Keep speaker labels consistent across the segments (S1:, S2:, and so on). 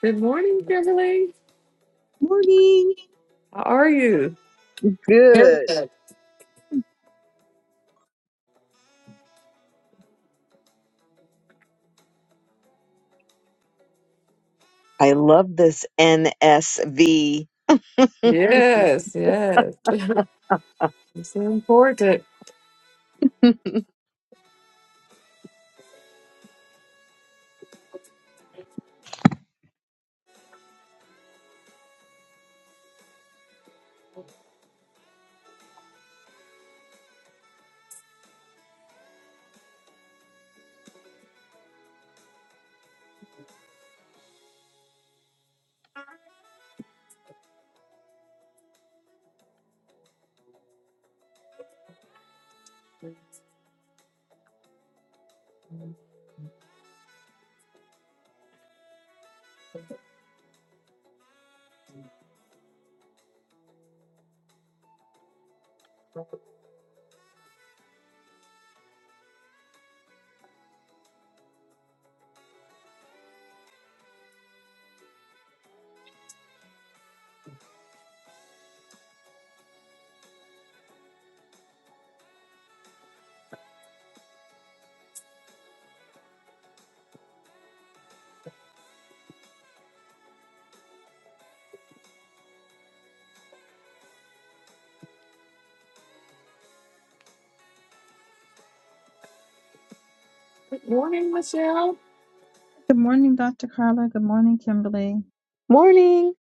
S1: Good morning, Kimberly.
S2: Morning.
S1: How are you? Good.
S2: Good. I love this NSV.
S1: Yes, yes. It's so important. Good morning, Michelle.
S3: Good morning, Dr. Carla. Good morning, Kimberly. Thank
S2: Morning.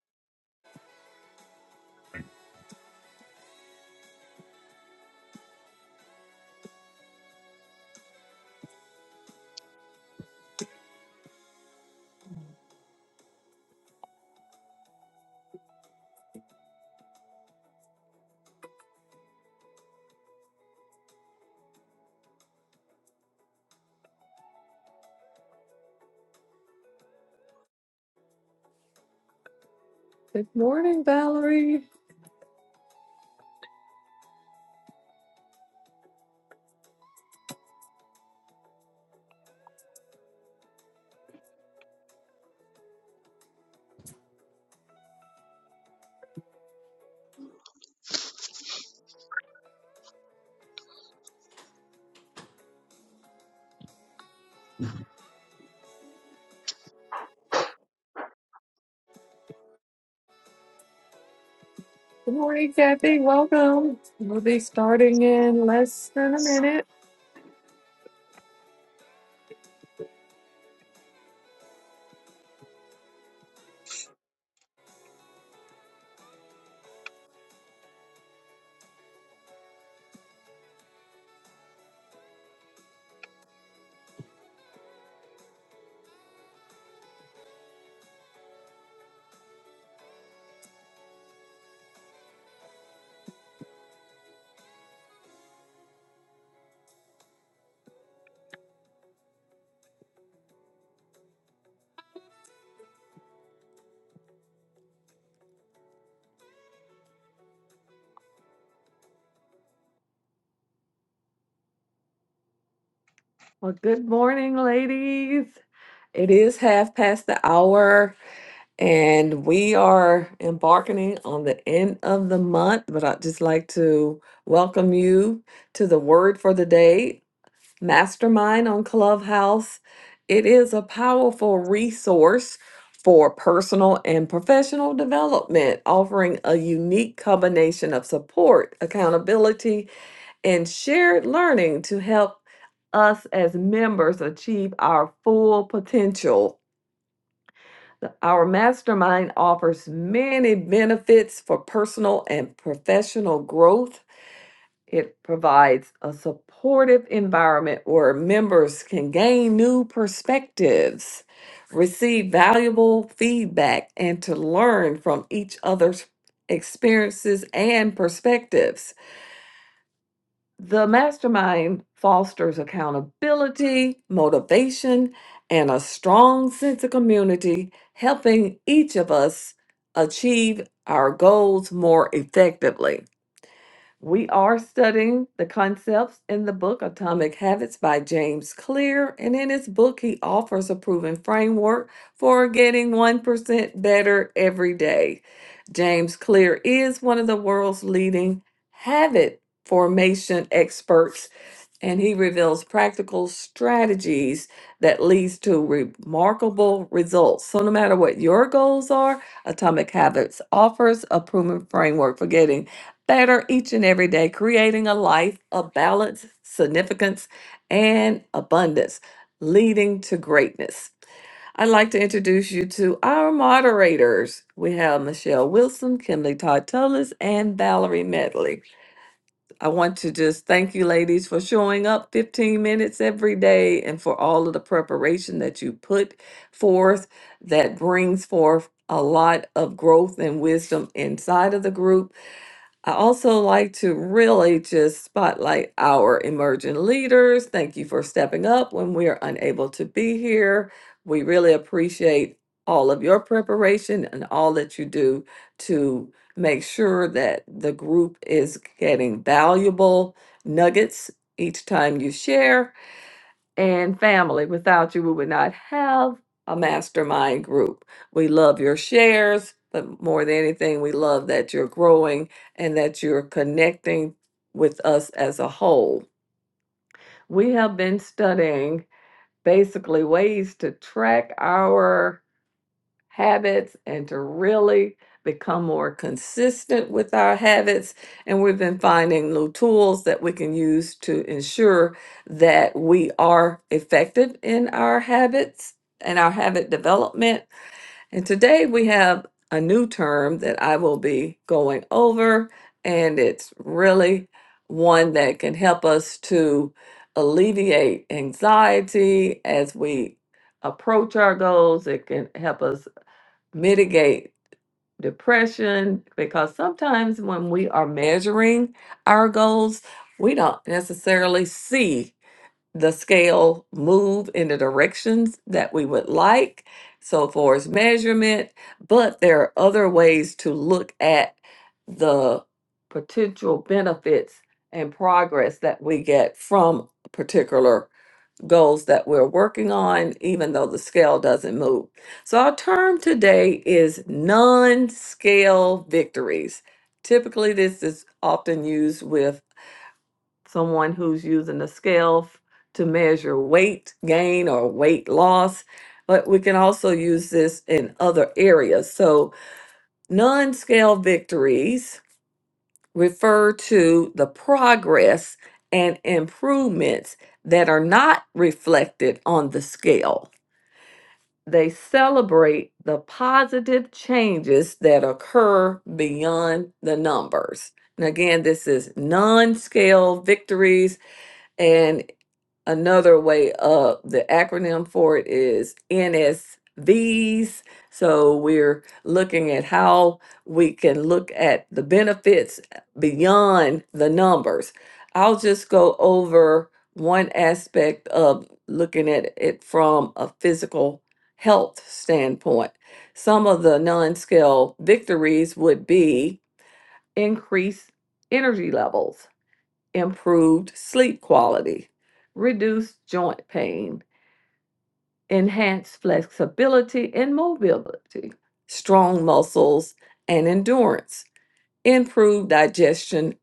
S1: Good morning, Valerie. Good morning, Kathy. Welcome. We'll be starting in less than a minute. Well, good morning, ladies. It is half past the hour, and we are embarking on the end of the month. But I'd just like to welcome you to the word for the day. Mastermind on Clubhouse. It is a powerful resource for personal and professional development, offering a unique combination of support, accountability, and shared learning to help us as members achieve our full potential. The- Our mastermind offers many benefits for personal and professional growth it provides a supportive environment where members can gain new perspectives, receive valuable feedback, and to learn from each other's experiences and perspectives. The mastermind fosters accountability, motivation, and a strong sense of community, helping each of us achieve our goals more effectively. We are studying the concepts in the book Atomic Habits by James Clear. And in his book, he offers a proven framework for getting 1% better every day. James Clear is one of the world's leading habit formation experts and he reveals practical strategies that leads to remarkable results. So no matter what your goals are, Atomic Habits offers a proven framework for getting better each and every day, creating a life of balance, significance, and abundance, leading to greatness. I'd like to introduce you to our moderators. We have Michelle Wilson, Kimberly Todd Tullis, and Valerie Medley. I want to just thank you, ladies, for showing up 15 minutes every day and for all of the preparation that you put forth that brings forth a lot of growth and wisdom inside of the group I also like to really just spotlight our emerging leaders. Thank you for stepping up when we are unable to be here. We really appreciate all of your preparation and all that you do to make sure that the group is getting valuable nuggets each time you share and family. Without you, we would not have a mastermind group. We love your shares, but more than anything, we love that you're growing and that you're connecting with us as a whole. We have been studying basically ways to track our habits and to really become more consistent with our habits. And we've been finding new tools that we can use to ensure that we are effective in our habits and our habit development. And today we have a new term that I will be going over, and it's really one that can help us to alleviate anxiety as we approach our goals. It can help us mitigate depression because sometimes when we are measuring our goals, we don't necessarily see the scale move in the directions that we would like. So, far as measurement, but there are other ways to look at the potential benefits and progress that we get from a particular goals that we're working on, even though the scale doesn't move. So, our term today is non scale victories. Typically, this is often used with someone who's using a scale f- to measure weight gain or weight loss, but we can also use this in other areas. So, non scale victories refer to the progress and improvements that are not reflected on the scale. They celebrate the positive changes that occur beyond the numbers. And again, this is non scale victories and another way up. The acronym for it is NSVs. So we're looking at how we can look at the benefits beyond the numbers. I'll just go over one aspect of looking at it from a physical health standpoint. Some of the non scale victories would be increased energy levels improved sleep quality, reduced joint pain, enhanced flexibility and mobility, strong muscles and endurance, improved digestion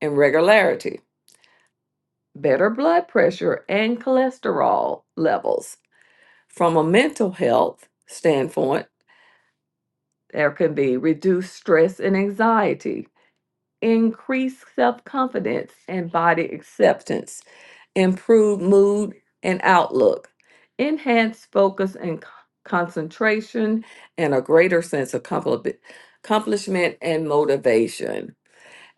S1: and regularity, better blood pressure and cholesterol levels. From a mental health standpoint, there can be reduced stress and anxiety, increased self confidence and body acceptance improve mood and outlook, enhance focus and c- concentration, and a greater sense of compli- accomplishment and motivation.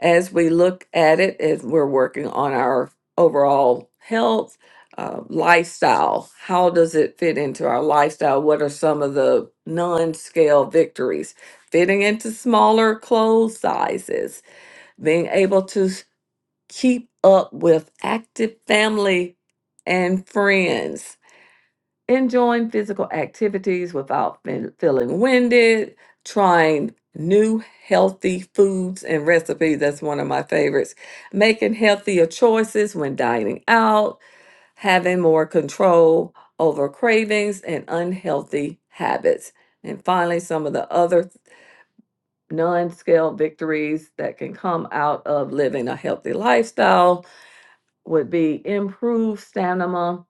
S1: As we look at it, as we're working on our overall health, uh, lifestyle, how does it fit into our lifestyle? What are some of the non scale victories? Fitting into smaller clothes sizes, being able to keep up with active family and friends, enjoying physical activities without fe- feeling winded, trying new healthy foods and recipes. That's one of my favorites. Making healthier choices when dining out, having more control over cravings and unhealthy habits. And finally, some of the other non scale victories that can come out of living a healthy lifestyle would be improve stamina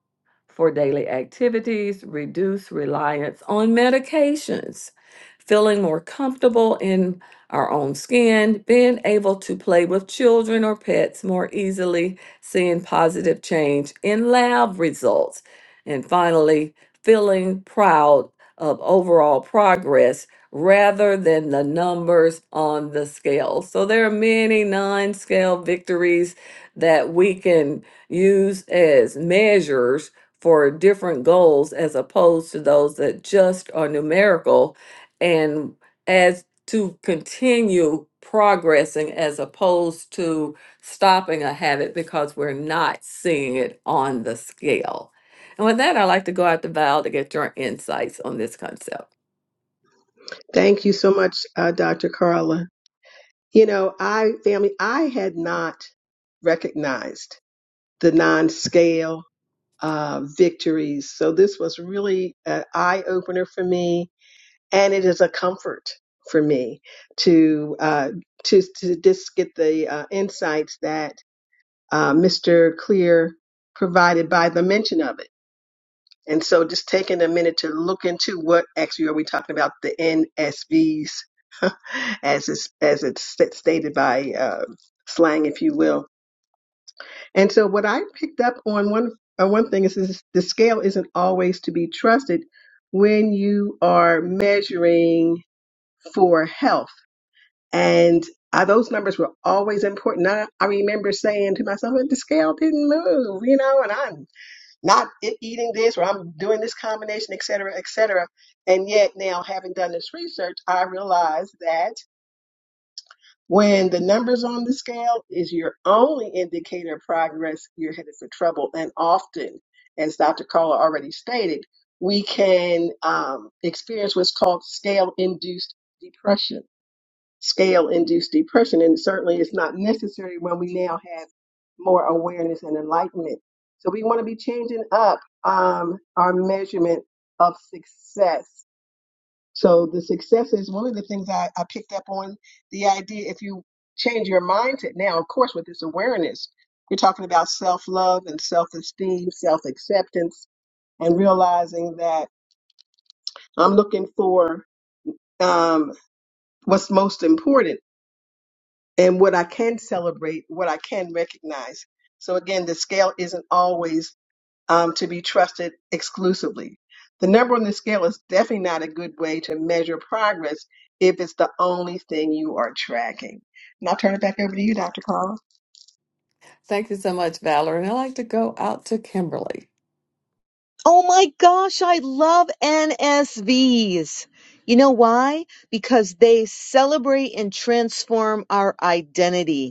S1: for daily activities, reduce reliance on medications, feeling more comfortable in our own skin, being able to play with children or pets more easily, seeing positive change in lab results, and finally, feeling proud of overall progress rather than the numbers on the scale. So there are many non-scale victories that we can use as measures for different goals as opposed to those that just are numerical and as to continue progressing as opposed to stopping a habit because we're not seeing it on the scale. And with that, I'd like to go out to Val to get your insights on this concept.
S4: Thank you so much, uh, Dr. Carla. You know, I, family, I had not recognized the non scale uh, victories. So this was really an eye opener for me. And it is a comfort for me to, uh, to, to just get the uh, insights that uh, Mr. Clear provided by the mention of it. And so just taking a minute to look into what actually are we talking about the NSVs as it's, as it's st- stated by uh, slang, if you will. And so what I picked up on one uh, one thing is, is the scale isn't always to be trusted when you are measuring for health. And uh, those numbers were always important. I, I remember saying to myself, well, the scale didn't move, you know, and I'm not e- eating this or I'm doing this combination, et cetera, et cetera. And yet now having done this research, I realize that when the numbers on the scale is your only indicator of progress, you're headed for trouble. And often, as Dr. Carla already stated, we can um, experience what's called scale induced depression scale induced depression. And certainly it's not necessary when we now have more awareness and enlightenment. So we want to be changing up um, our measurement of success. So the success is one of the things I, I picked up on the idea if you change your mindset now, of course, with this awareness, you're talking about self love and self esteem, self acceptance, and realizing that I'm looking for um, what's most important and what I can celebrate, what I can recognize. So again, the scale isn't always um, to be trusted exclusively. The number on the scale is definitely not a good way to measure progress if it's the only thing you are tracking. And I'll turn it back over to you, Dr. Carl.
S1: Thank you so much, Valerie. And I'd like to go out to Kimberly.
S2: Oh my gosh, I love NSVs. You know why? Because they celebrate and transform our identity.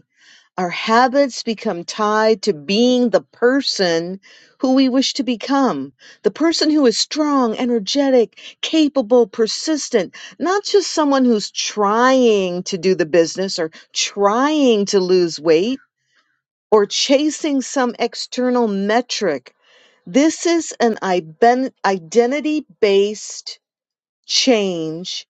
S2: Our habits become tied to being the person who we wish to become, the person who is strong, energetic, capable, persistent, not just someone who's trying to do the business or trying to lose weight or chasing some external metric. This is an identity based change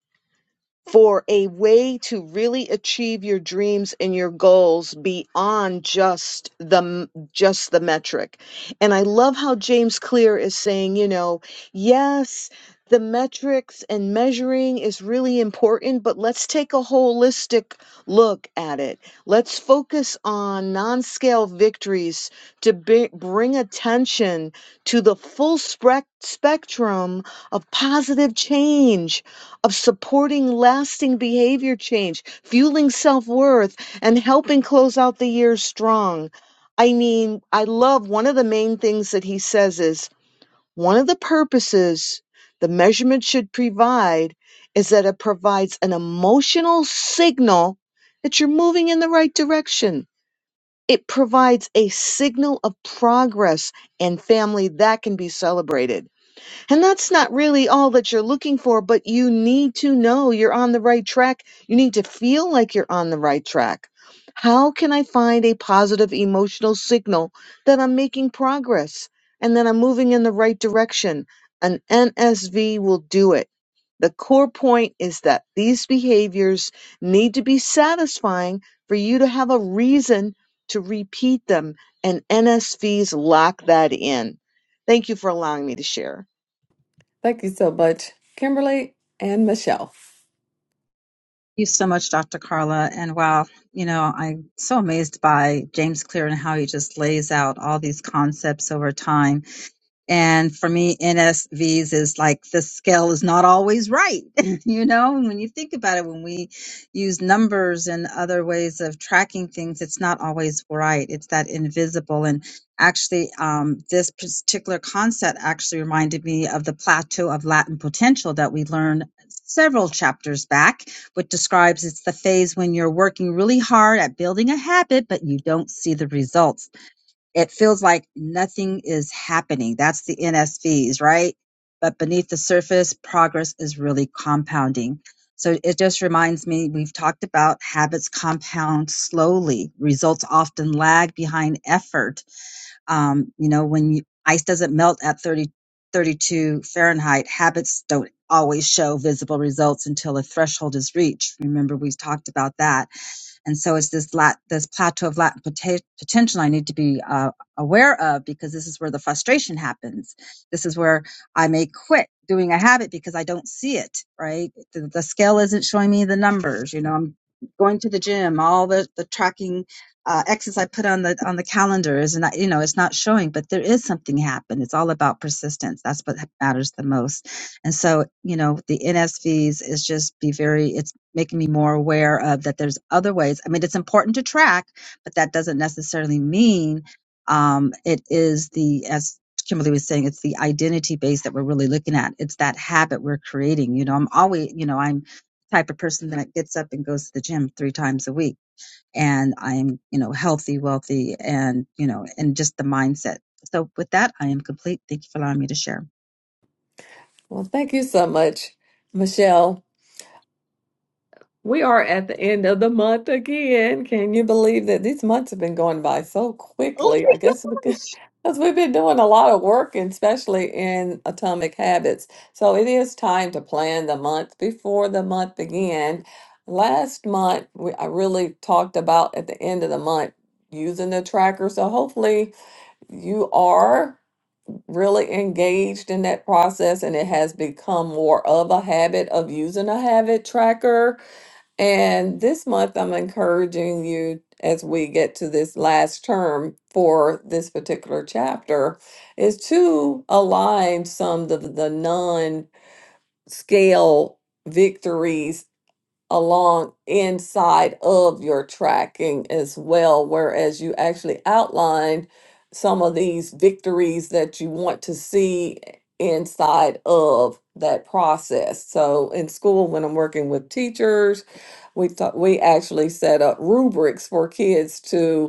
S2: for a way to really achieve your dreams and your goals beyond just the just the metric and i love how james clear is saying you know yes the metrics and measuring is really important but let's take a holistic look at it let's focus on non-scale victories to be, bring attention to the full spec- spectrum of positive change of supporting lasting behavior change, fueling self worth, and helping close out the year strong. I mean, I love one of the main things that he says is one of the purposes the measurement should provide is that it provides an emotional signal that you're moving in the right direction. It provides a signal of progress and family that can be celebrated and that's not really all that you're looking for, but you need to know you're on the right track. You need to feel like you're on the right track. How can I find a positive emotional signal that I'm making progress and that I'm moving in the right direction? An NSV will do it. The core point is that these behaviors need to be satisfying for you to have a reason to repeat them, and NSVs lock that in. Thank you for allowing me to share.
S1: Thank you so much, Kimberly and Michelle.
S3: you so much, Dr. Carla. And wow, you know, I'm so amazed by James Clear and how he just lays out all these concepts over time. And for me, NSVs is like the scale is not always right. you know, and when you think about it, when we use numbers and other ways of tracking things, it's not always right. It's that invisible. And actually, um, this particular concept actually reminded me of the plateau of latent potential that we learned several chapters back, which describes it's the phase when you're working really hard at building a habit, but you don't see the results it feels like nothing is happening. That's the NSVs, right? But beneath the surface, progress is really compounding. So it just reminds me we've talked about habits compound slowly. Results often lag behind effort. Um, you know, when you, ice doesn't melt at 30, 32 Fahrenheit, habits don't always show visible results until a threshold is reached. Remember, we have talked about that and so it's this lat, this plateau of latent poten- potential I need to be uh, aware of because this is where the frustration happens. This is where I may quit doing a habit because I don't see it, right? The, the scale isn't showing me the numbers. You know, I'm going to the gym, all the, the tracking uh, X's I put on the, on the calendar is not, you know, it's not showing, but there is something happen. It's all about persistence. That's what matters the most. And so, you know, the NSVs is just be very, it's making me more aware of that there's other ways. I mean, it's important to track, but that doesn't necessarily mean um, it is the, as Kimberly was saying, it's the identity base that we're really looking at. It's that habit we're creating. You know, I'm always, you know, I'm the type of person that gets up and goes to the gym three times a week and I'm, you know, healthy, wealthy, and, you know, and just the mindset. So with that, I am complete. Thank you for allowing me to share.
S1: Well, thank you so much, Michelle. We are at the end of the month again. Can you believe that these months have been going by so
S2: Oh
S1: quickly?
S2: my
S1: I guess because
S2: gosh.
S1: 'cause we've been doing a lot of work, and especially in Atomic Habits. So it is time to plan the month before the month began. Last month, we, I really talked about at the end of the month using the tracker. So hopefully you are really engaged in that process and it has become more of a habit of using a habit tracker and this month, I'm encouraging you as we get to this last term for this particular chapter is to align some of the non scale victories along inside of your tracking as well, whereas you actually outlined some of these victories that you want to see inside of that process. So in school, when I'm working with teachers, we thought we actually set up rubrics for kids to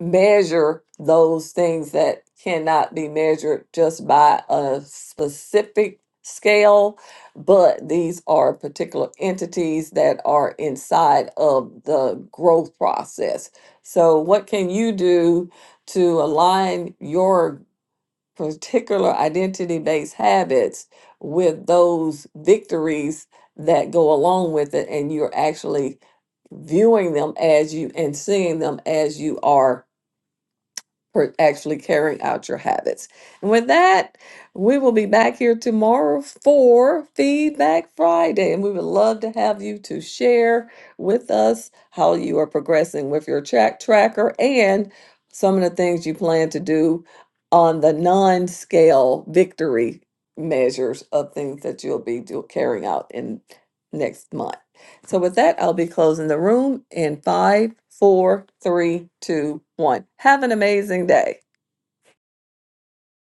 S1: measure those things that cannot be measured just by a specific scale, but these are particular entities that are inside of the growth process. So, what can you do to align your particular identity based habits with those victories that go along with it? And you're actually viewing them as you and seeing them as you are for actually carrying out your habits. And with that, we will be back here tomorrow for Feedback Friday. And we would love to have you to share with us how you are progressing with your track tracker and some of the things you plan to do on the non scale victory measures of things that you'll be do- carrying out in next month. So with that, I'll be closing the room in five, four, three, two, one. Have an amazing day.